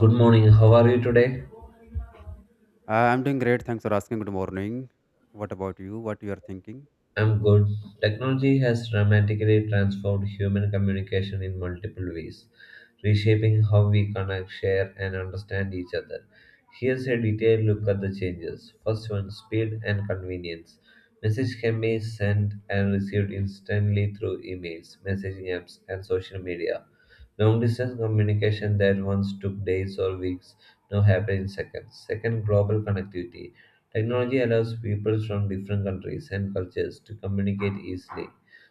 Good morning, how are you today? I'm doing great. Thanks for asking. Good morning. What about you? What you are thinking? I'm good. Technology has dramatically transformed human communication in multiple ways, reshaping how we connect, share, and understand each other. Here's a detailed look at the changes. First one speed and convenience. Message can be sent and received instantly through emails, messaging apps, and social media. Long distance communication that once took days or weeks now happens in seconds. Second, global connectivity. Technology allows people from different countries and cultures to communicate easily.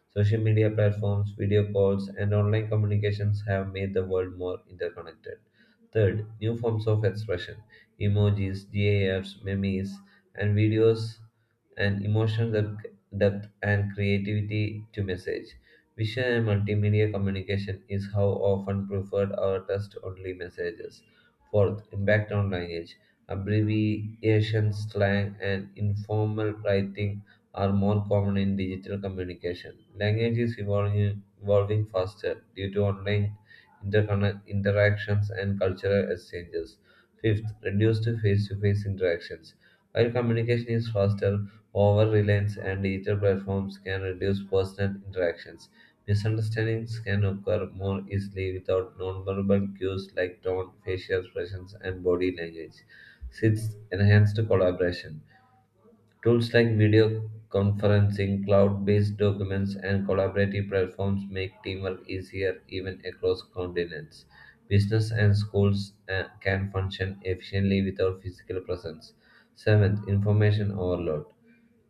Social media platforms, video calls, and online communications have made the world more interconnected. Third, new forms of expression emojis, GIFs, memes, and videos and emotional depth and creativity to message. Vision and multimedia communication is how often preferred our text only messages. Fourth, impact on language. Abbreviations, slang, and informal writing are more common in digital communication. Language is evolving faster due to online interactions and cultural exchanges. Fifth, reduced face to face interactions. While communication is faster, over reliance and digital platforms can reduce personal interactions. Misunderstandings can occur more easily without nonverbal cues like tone, facial expressions, and body language. Sixth, enhanced collaboration. Tools like video conferencing, cloud based documents, and collaborative platforms make teamwork easier even across continents. Business and schools can function efficiently without physical presence. Seventh, information overload.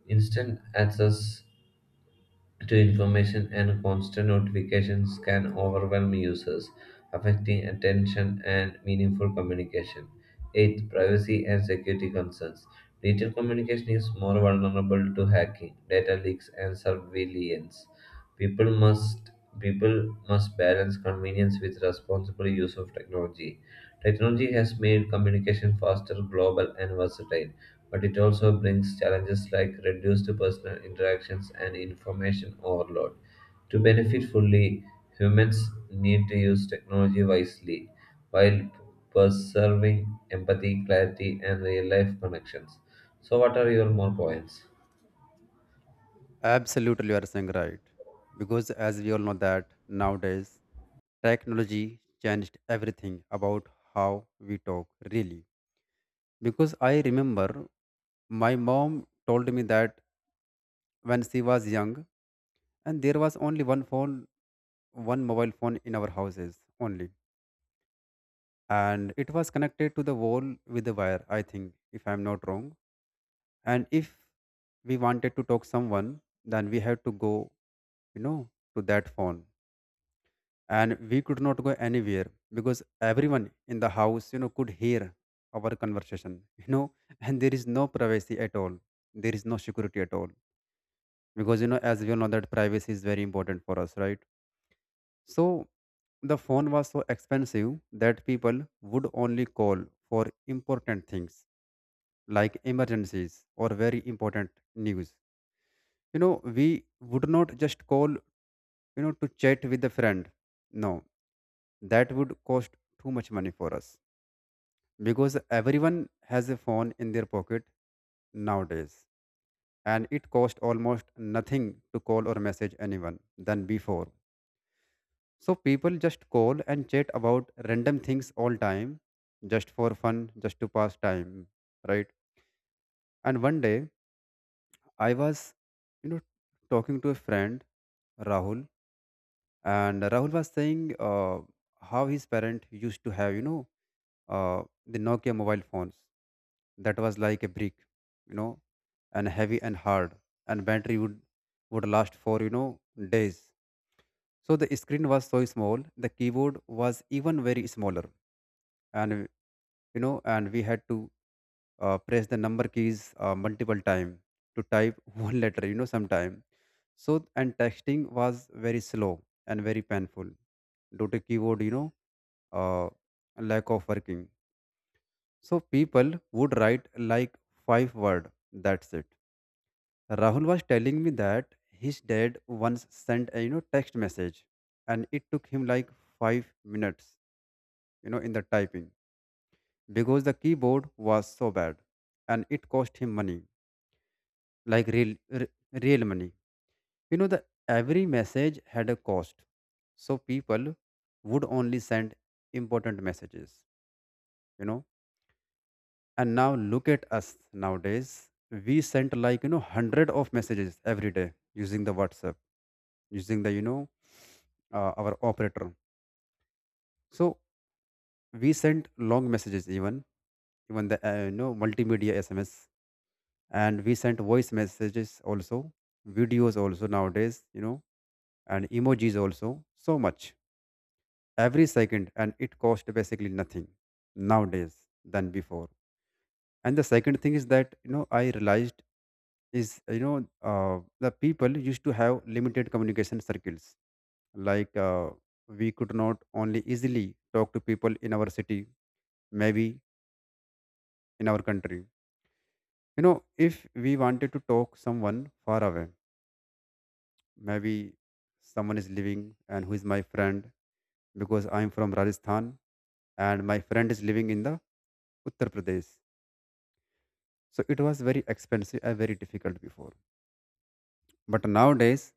Instant access to information and constant notifications can overwhelm users, affecting attention and meaningful communication. 8. Privacy and security concerns. Digital communication is more vulnerable to hacking, data leaks, and surveillance. People must people must balance convenience with responsible use of technology. Technology has made communication faster, global, and versatile, but it also brings challenges like reduced personal interactions and information overload. To benefit fully, humans need to use technology wisely while preserving empathy, clarity, and real life connections. So, what are your more points? Absolutely, you are saying right. Because as we all know that nowadays, technology changed everything about how we talk. Really, because I remember my mom told me that when she was young, and there was only one phone, one mobile phone in our houses only, and it was connected to the wall with the wire. I think, if I'm not wrong and if we wanted to talk someone, then we had to go you know to that phone. And we could not go anywhere because everyone in the house could hear our conversation. And there is no privacy at all. There is no security at all because as we all know that privacy is very important for us, right? So the phone was so expensive that people would only call for important things like emergencies or very important news you know we would not just call to chat with a friend. No, that would cost too much money for us. Because everyone has a phone in their pocket nowadays, and it costs almost nothing to call or message anyone than before. So people just call and chat about random things all time, just for fun, just to pass time, right? And one day, I was you know talking to a friend, Rahul. And Rahul was saying, how his parent used to have, the Nokia mobile phones that was like a brick you know and heavy and hard. And battery would last for, days. So the screen was so small, the keyboard was even very smaller. And we had to press the number keys multiple time to type one letter sometime. So and texting was very slow and very painful due to keyboard, uh, lack of working. So people would write like five word, that's it. Rahul was telling me that his dad once sent a, text message, and it took him like 5 minutes, in the typing, because the keyboard was so bad. And it cost him money, like real, r- real money. The every message had a cost. So people would only send important messages. you know and now look at us nowadays. We sent like, hundred of messages every day using the WhatsApp, using the, our operator. So we sent long messages, even the, multimedia SMS. And we sent voice messages also, videos also nowadays, and emojis also, so much every second. And it cost basically nothing nowadays than before. And the second thing is that, I realized is, you know uh, the people used to have limited communication circles. Like, we could not only easily talk to people in our city, maybe in our country, know if we wanted to talk someone far away. Maybe someone is living and who is my friend, because I am from Rajasthan and my friend is living in the Uttar Pradesh. So it was very expensive and very difficult before. But nowadays,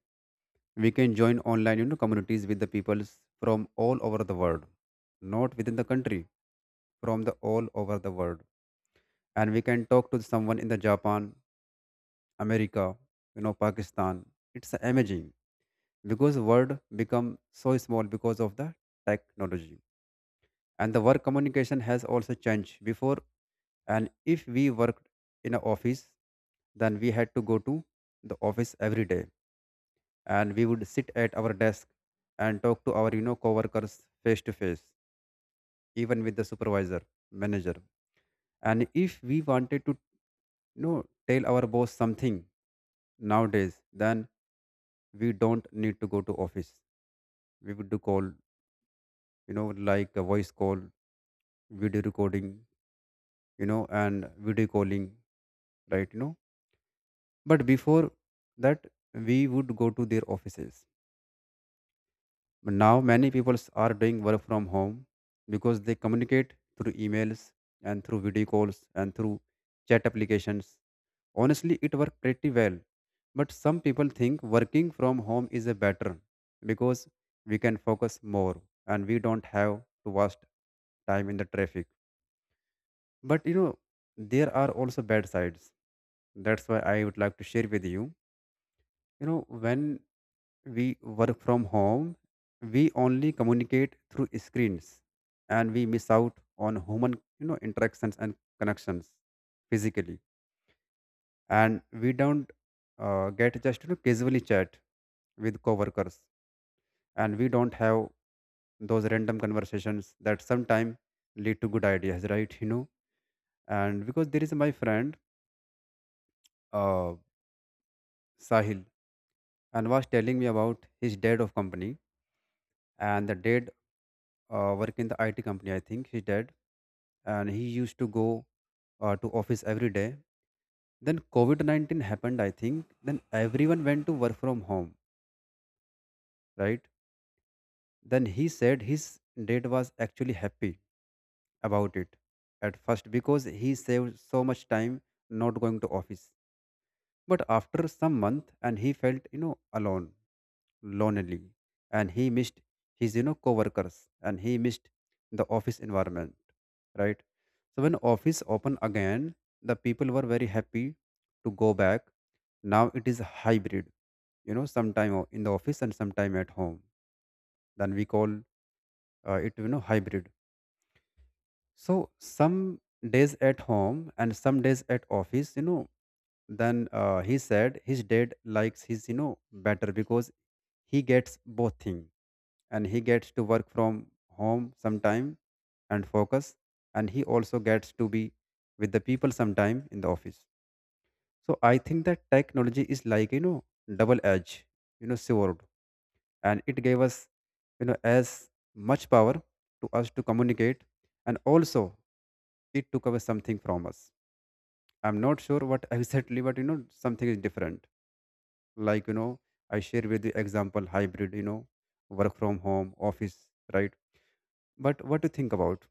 we can join online, communities with the peoples from all over the world, not within the country, from the all over the world. And we can talk to someone in the Japan, America, Pakistan. It's amazing because world become so small because of the technology. And the work communication has also changed before. And if we worked in an office, then we had to go to the office every day. And we would sit at our desk and talk to our, coworkers face to face, even with the supervisor, manager. And if we wanted to, you know tell our boss something nowadays, then we don't need to go to office. We would do call, like a voice call, video recording, and video calling, right? But before that, we would go to their offices. But now many people are doing work from home because they communicate through emails and through video calls and through chat applications. Honestly, it worked pretty well. But some people think working from home is a better because we can focus more, and we don't have to waste time in the traffic. But, there are also bad sides. That's why I would like to share with you. You know, when we work from home, we only communicate through screens, and we miss out on human, interactions and connections physically. And we don't get just, casually chat with coworkers. And we don't have those random conversations that sometimes lead to good ideas, right? You know, and because there is my friend, uh, Sahil, and was telling me about his dad of company. And the dad work in the IT company, I think, his dad. And he used to go to office every day. Then COVID-19 happened, I think. Then everyone went to work from home, right? Then he said his dad was actually happy about it at first because he saved so much time not going to office. But after some month, and he felt, alone, lonely. And he missed his, coworkers. And he missed the office environment, right? So when office opened again, the people were very happy to go back. Now it is hybrid, sometime in the office and sometime at home. Then we call it, hybrid. So some days at home and some days at office, then he said his dad likes his, better because he gets both things. And he gets to work from home sometime and focus. And he also gets to be with the people sometime in the office. So I think that technology is like, double edge, sword. And it gave us, as much power to us to communicate. And also it took away something from us. I'm not sure what exactly, but, something is different. Like, I share with the example hybrid, work from home office, right? But what do you think about,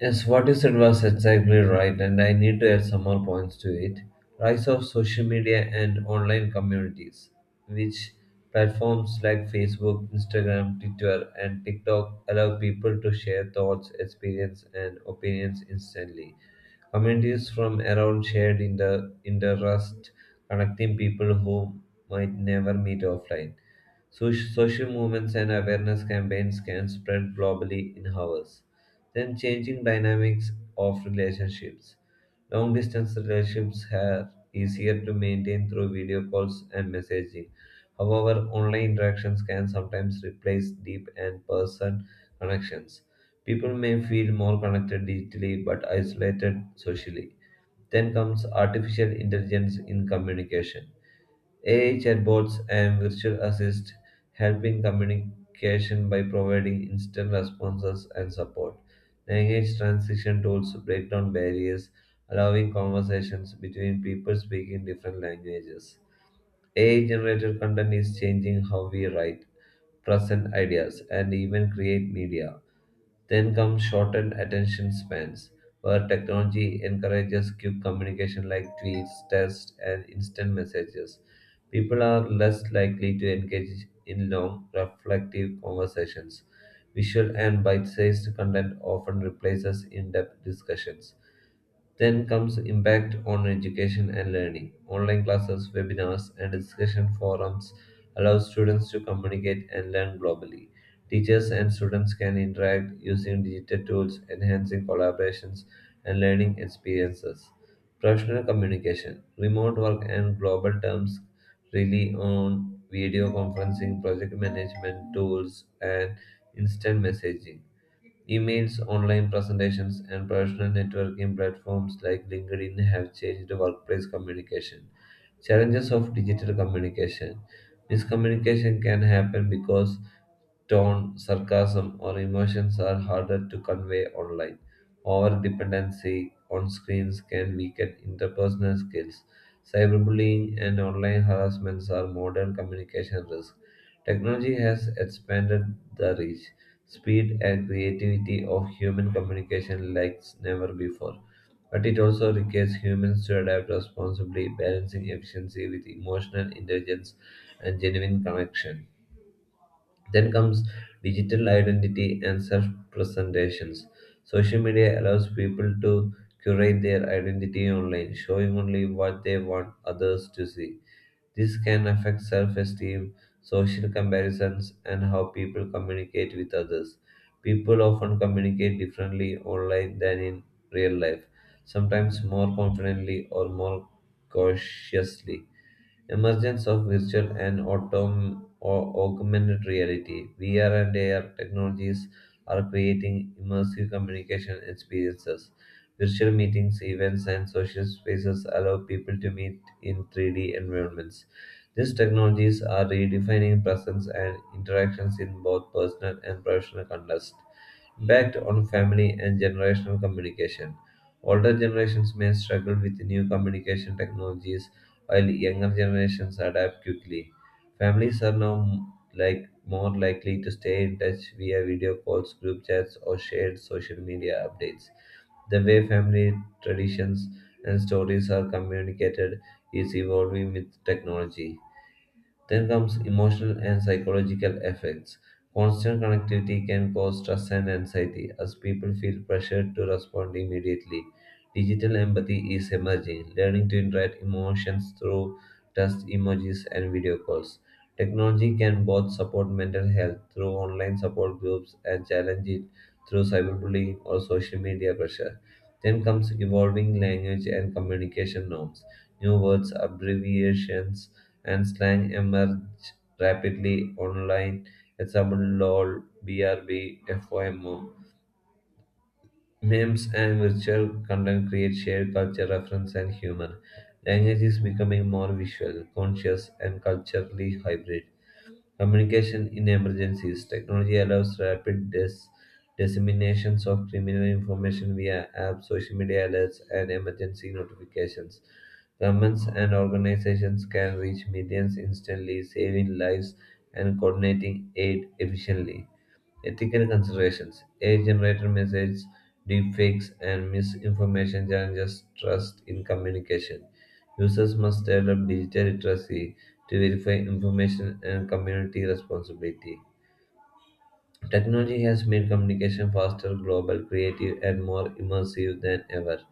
Yes, what you said was exactly right, and I need to add some more points to it. Rise of social media and online communities, which platforms like Facebook, Instagram, Twitter, and TikTok allow people to share thoughts, experience, and opinions instantly. Communities from around shared in the interest, connecting people who might never meet offline. So, social movements and awareness campaigns can spread globally in hours. Then changing dynamics of relationships. Long distance relationships are easier to maintain through video calls and messaging. However, online interactions can sometimes replace deep and person connections. People may feel more connected digitally but isolated socially. Then comes artificial intelligence in communication. AI chatbots and virtual assist help in communication by providing instant responses and support. Language translation tools break down barriers, allowing conversations between people speaking different languages. AI generated content is changing how we write, present ideas, and even create media. Then come shortened attention spans, where technology encourages quick communication like tweets, text, and instant messages. People are less likely to engage in long, reflective conversations. Visual and bite sized content often replaces in depth discussions. Then comes impact on education and learning. Online classes, webinars, and discussion forums allow students to communicate and learn globally. Teachers and students can interact using digital tools, enhancing collaborations and learning experiences. Professional communication, remote work, and global terms rely on video conferencing, project management tools, and instant messaging. Emails, online presentations, and professional networking platforms like LinkedIn have changed workplace communication. Challenges of digital communication. Miscommunication can happen because tone, sarcasm, or emotions are harder to convey online. Over dependency on screens can weaken interpersonal skills. Cyberbullying and online harassments are modern communication risks. Technology has expanded the reach, speed and creativity of human communication like never before, but it also requires humans to adapt responsibly, balancing efficiency with emotional intelligence and genuine connection. Then comes digital identity and self presentations. Social media allows people to curate their identity online, showing only what they want others to see. This can affect self esteem, social comparisons, and how people communicate with others. People often communicate differently online than in real life, sometimes more confidently or more cautiously. Emergence of virtual and augmented reality (VR and AR) technologies are creating immersive communication experiences. Virtual meetings, events, and social spaces allow people to meet in 3D environments. These technologies are redefining presence and interactions in both personal and professional contexts impact on family and generational communication. Older generations may struggle with new communication technologies while younger generations adapt quickly. Families are now like more likely to stay in touch via video calls, group chats, or shared social media updates. The way family traditions and stories are communicated is evolving with technology. Then comes emotional and psychological effects. Constant connectivity can cause stress and anxiety as people feel pressured to respond immediately. Digital empathy is emerging, learning to interact emotions through text emojis and video calls. Technology can both support mental health through online support groups and challenge it through cyberbullying or social media pressure. Then comes evolving language and communication norms. New words, abbreviations, and slang emerged rapidly online. Example LOL, BRB, memes and virtual content create shared culture, reference, and humor. Language is becoming more visual, conscious, and culturally hybrid communication in emergencies. Technology allows rapid disseminations of criminal information via apps, social media alerts, and emergency notifications. Governments and organizations can reach millions instantly, saving lives and coordinating aid efficiently. Ethical considerations AI generated messages, deepfakes, and misinformation challenges trust in communication. Users must develop digital literacy to verify information and community responsibility. Technology has made communication faster, global, creative, and more immersive than ever.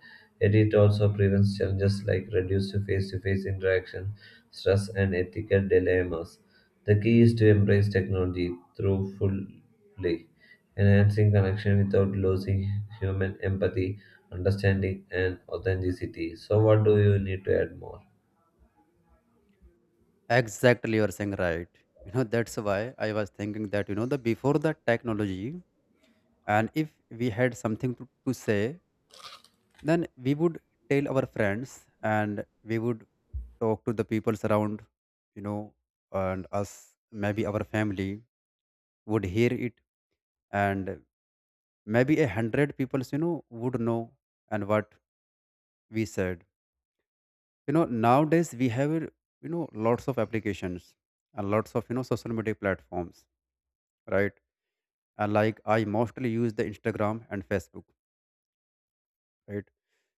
Yet it also presents challenges like reduced face to face interaction, stress, and ethical dilemmas. The key is to embrace technology through fully, enhancing connection without losing human empathy, understanding, and authenticity. So, what do you need to add more? exactly, you're saying right. You know, that's why I was thinking that, the before the technology. And if we had something to say, then we would tell our friends. And we would talk to the people around, you know, and us, maybe our family would hear it. And maybe a hundred people, would know and what we said. You know, nowadays we have, lots of applications, and lots of, social media platforms, right? And like I mostly use the Instagram and Facebook, right?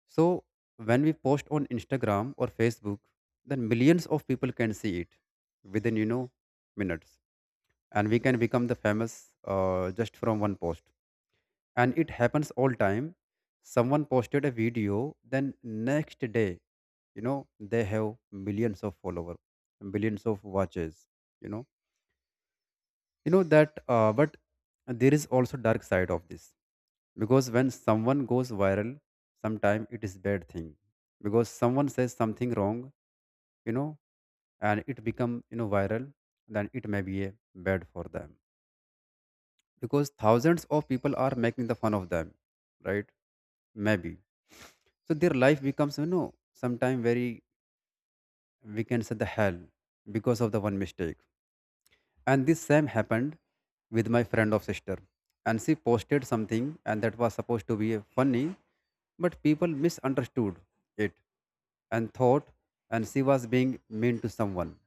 So when we post on Instagram or Facebook, then millions of people can see it within, minutes. And we can become the famous, just from one post. And it happens all time. Someone posted a video, then next day, they have millions of followers, billions of watches. You know, you know that. But there is also dark side of this. Because when someone goes viral, sometimes it is bad thing because someone says something wrong, you know and it become, viral. Then it may be a bad for them because thousands of people are making the fun of them, right? Maybe. So their life becomes, sometime very, we can say the hell, because of the one mistake. And this same happened with my friend of sister. And she posted something, and that was supposed to be a funny. But people misunderstood it, and thought, and she was being mean to someone.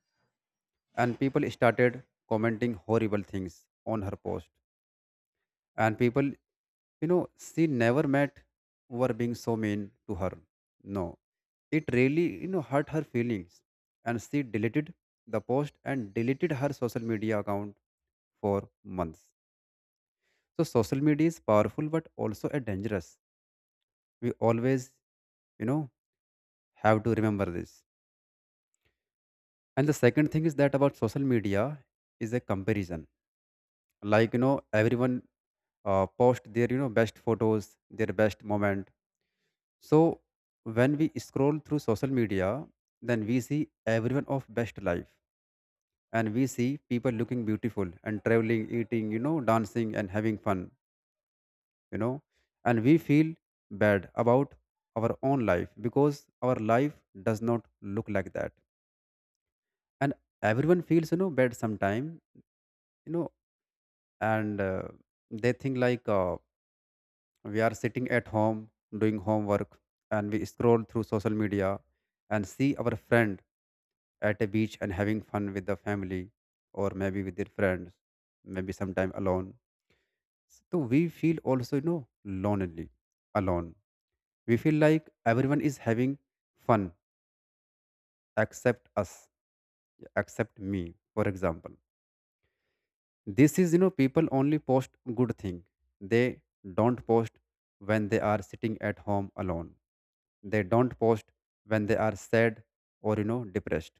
And people started commenting horrible things on her post. And people, she never met, were being so mean to her. No, it really, hurt her feelings. And she deleted the post and deleted her social media account for months. So social media is powerful but also a dangerous. We always, you know have to remember this. And the second thing is that about social media is a comparison. Like, everyone post their, best photos, their best moment. So when we scroll through social media, then we see everyone of best life. And we see people looking beautiful and traveling, eating, dancing and having fun, you know and we feel bad about our own life because our life does not look like that. And everyone feels, bad sometime, you know and they think like, we are sitting at home doing homework. And we scroll through social media and see our friend at a beach and having fun with the family, or maybe with their friends, maybe Sometime alone, so we feel also lonely, alone. We feel like everyone is having fun except us, except me for example. This is, people only post good thing. They don't post when they are sitting at home alone. They don't post when they are sad or depressed.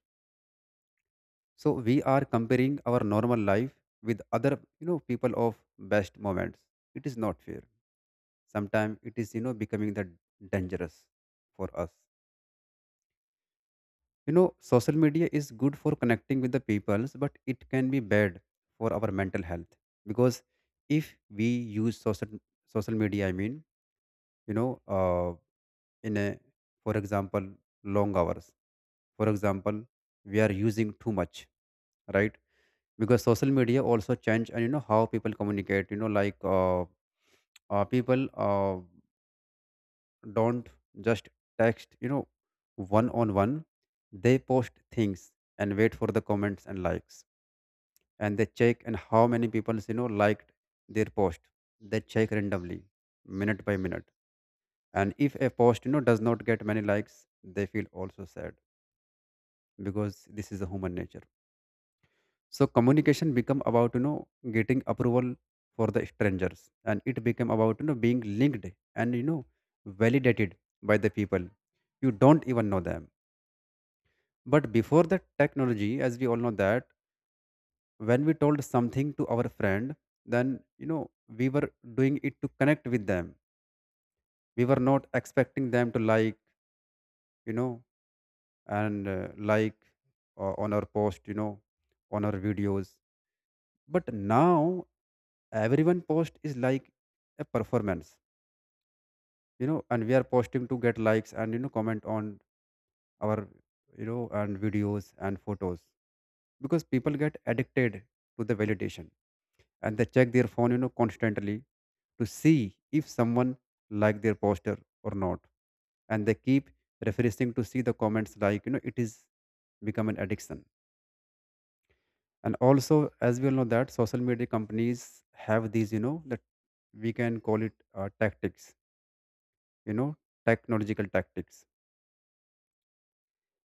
So we are comparing our normal life with other, people of best moments. It is not fair. Sometimes it is, becoming the dangerous for us. You know, social media is good for connecting with the peoples, but it can be bad for our mental health, because if we use social media, you know, uh, in a, for example, long hours. For example, we are using too much, right? Because social media also change and you know how people communicate. People don't just text. You know, one on one, they post things and wait for the comments and likes, and they check and how many people liked their post. They check randomly, minute by minute. And if a post does not get many likes, they feel also sad, because this is a human nature. So communication become about, getting approval for the strangers, and it became about, being linked and, validated by the people you don't even know them. But before the technology, as we all know that when we told something to our friend, then we were doing it to connect with them. We were not expecting them to like, you know and like on our post, on our videos. But now everyone post is like a performance, and we are posting to get likes and, comment on our, and videos and photos, because people get addicted to the validation, and they check their phone, constantly to see if someone like their poster or not. And they keep refreshing to see the comments, like, it is become an addiction. And also, as we all know that social media companies have these, that we can call it tactics, you know technological tactics,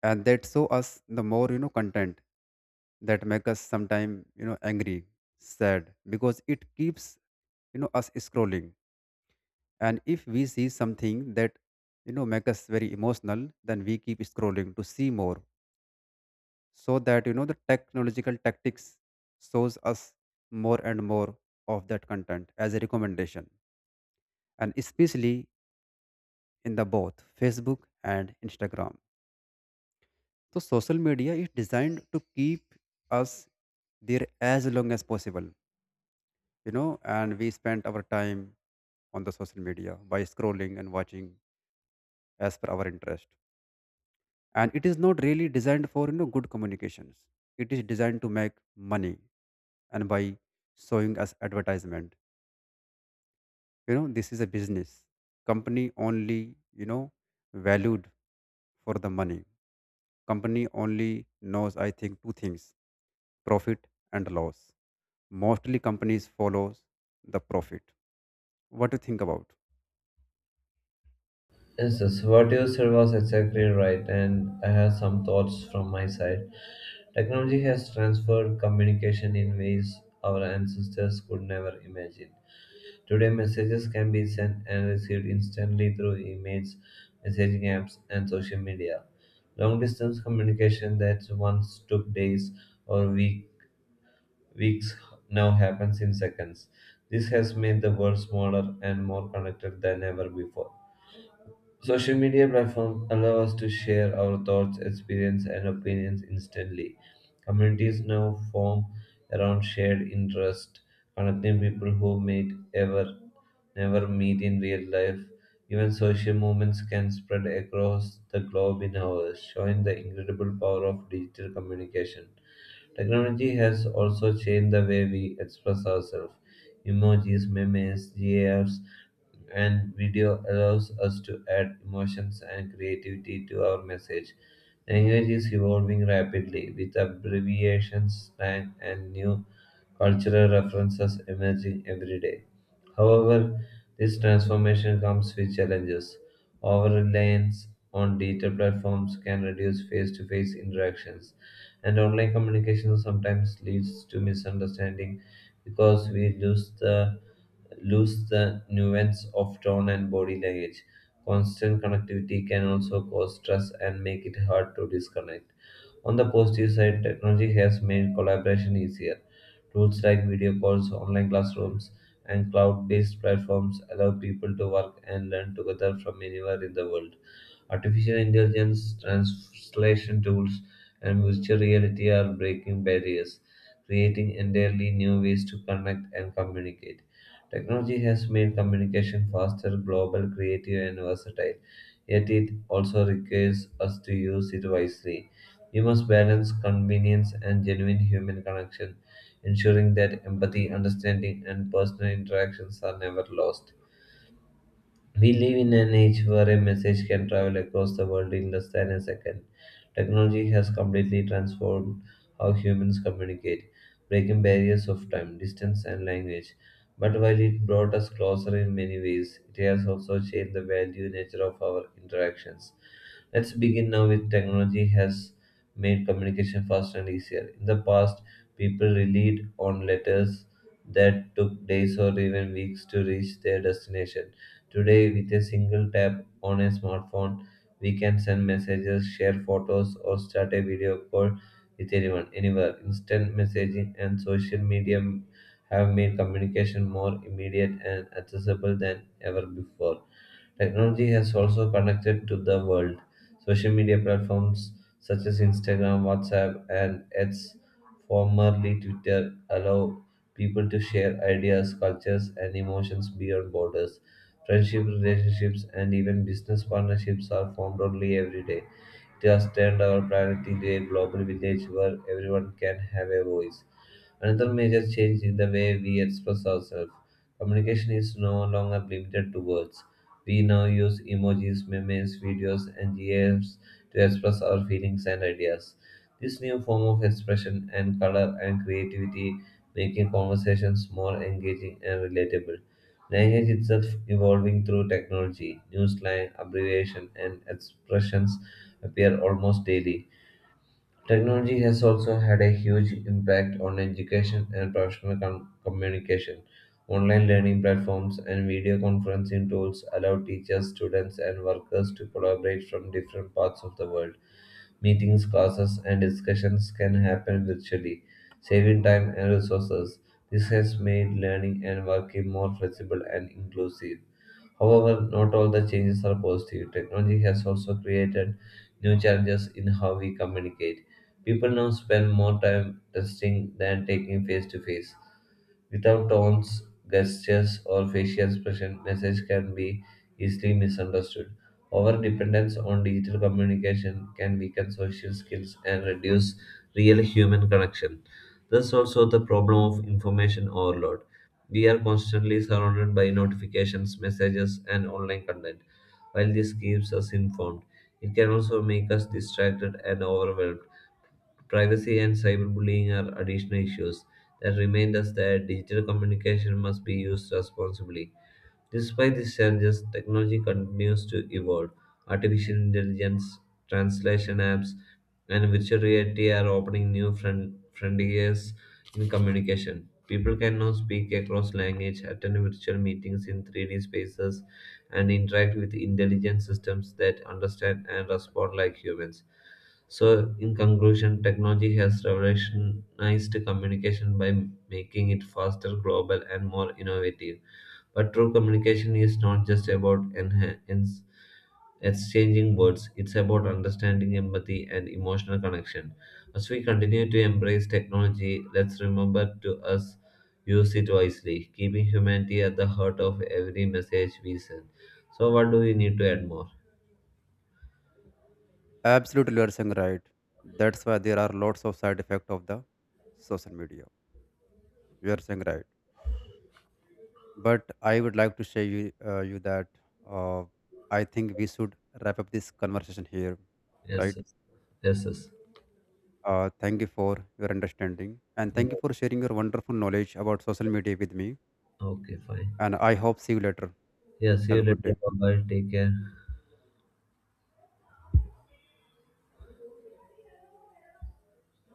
and that show us the more, content that make us sometime, angry, sad, because it keeps, us scrolling. And if we see something that, make us very emotional, then we keep scrolling to see more. So that, the technological tactics shows us more and more of that content as a recommendation, and especially in the both Facebook and Instagram. So social media is designed to keep us there as long as possible, and we spend our time on the social media by scrolling and watching as per our interest. And it is not really designed for, good communications. It is designed to make money, and by showing us advertisement. You know, this is a business company only, you know valued for the money. Company only knows, I think, two things: profit and loss. Mostly companies follows the profit. What do you think about? Yes, yes, what you said was exactly right, and I have some thoughts from my side. Technology has transformed communication in ways our ancestors could never imagine. Today, messages can be sent and received instantly through emails, messaging apps, and social media. Long distance communication that once took days or weeks now happens in seconds. This has made the world smaller and more connected than ever before. Social media platforms allow us to share our thoughts, experience, and opinions instantly. Communities now form around shared interest, connecting people who meet ever never meet in real life. Even social movements can spread across the globe in hours, showing the incredible power of digital communication. Technology has also changed the way we express ourselves. Emojis, memes, GIFs, and video allows us to add emotions and creativity to our message. Language is evolving rapidly, with abbreviations, slang, and new cultural references emerging every day. However, this transformation comes with challenges. Over reliance on digital platforms can reduce face to face interactions, and online communication sometimes leads to misunderstanding because we lose the nuance of tone and body language. Constant connectivity can also cause stress and make it hard to disconnect. On the positive side, technology has made collaboration easier. Tools like video calls, online classrooms, and cloud based platforms allow people to work and learn together from anywhere in the world. Artificial intelligence, translation tools, and virtual reality are breaking barriers, creating entirely new ways to connect and communicate. Technology has made communication faster, global, creative, and versatile, yet it also requires us to use it wisely. We must balance convenience and genuine human connection, ensuring that empathy, understanding, and personal interactions are never lost. We live in an age where a message can travel across the world in less than a second. Technology has completely transformed how humans communicate, breaking barriers of time, distance, and language. But while it brought us closer in many ways, it has also changed the value nature of our interactions. Let's begin now with technology has made communication faster and easier. In the past, people relied on letters that took days or even weeks to reach their destination. Today, with a single tap on a smartphone, we can send messages, share photos, or start a video call with anyone, anywhere. Instant messaging and social media have made communication more immediate and accessible than ever before. Technology has also connected to the world. Social media platforms such as Instagram, WhatsApp, and its formerly Twitter allow people to share ideas, cultures, and emotions beyond borders. Friendship, relationships, and even business partnerships are formed only every day. Just turned our planet into a global village where everyone can have a voice. Another major change in the way we express ourselves. Communication is no longer limited to words. We now use emojis, memes, videos, and GIFs to express our feelings and ideas. This new form of expression and color and creativity making conversations more engaging and relatable. Language itself evolving through technology, new slang, abbreviation, and expressions appear almost daily. Technology has also had a huge impact on education and professional communication. Online learning platforms and video conferencing tools allow teachers, students, and workers to collaborate from different parts of the world. Meetings, classes, and discussions can happen virtually, saving time and resources. This has made learning and working more flexible and inclusive. However, not all the changes are positive. Technology has also created new challenges in how we communicate. People now spend more time texting than taking face to face. Without tones, gestures, or facial expression, message can be easily misunderstood. Our dependence on digital communication can weaken social skills and reduce real human connection. Thus, also the problem of information overload. We are constantly surrounded by notifications, messages, and online content. While this keeps us informed, it can also make us distracted and overwhelmed. Privacy and cyberbullying are additional issues that remind us that digital communication must be used responsibly. Despite these challenges, technology continues to evolve. Artificial intelligence, translation apps, and virtual reality are opening new frontiers in communication. People can now speak across language, attend virtual meetings in 3D spaces, and interact with intelligent systems that understand and respond like humans. So, in conclusion, technology has revolutionized communication by making it faster, global, and more innovative. But true communication is not just about exchanging words, it's about understanding empathy and emotional connection. As we continue to embrace technology, let's remember to us use it wisely, keeping humanity at the heart of every message we send. So what do we need to add more? Absolutely, you are saying right. That's why there are lots of side effect of the social media. You are saying right, but I would like to say you that, uh, I think we should wrap up this conversation here, Yes, right? yes, yes. Yes. Thank you for your understanding, and Yeah, thank you for sharing your wonderful knowledge about social media with me. okay, fine. And I hope see you later. Yeah, see Have you a good later. day. Bye bye. Take care.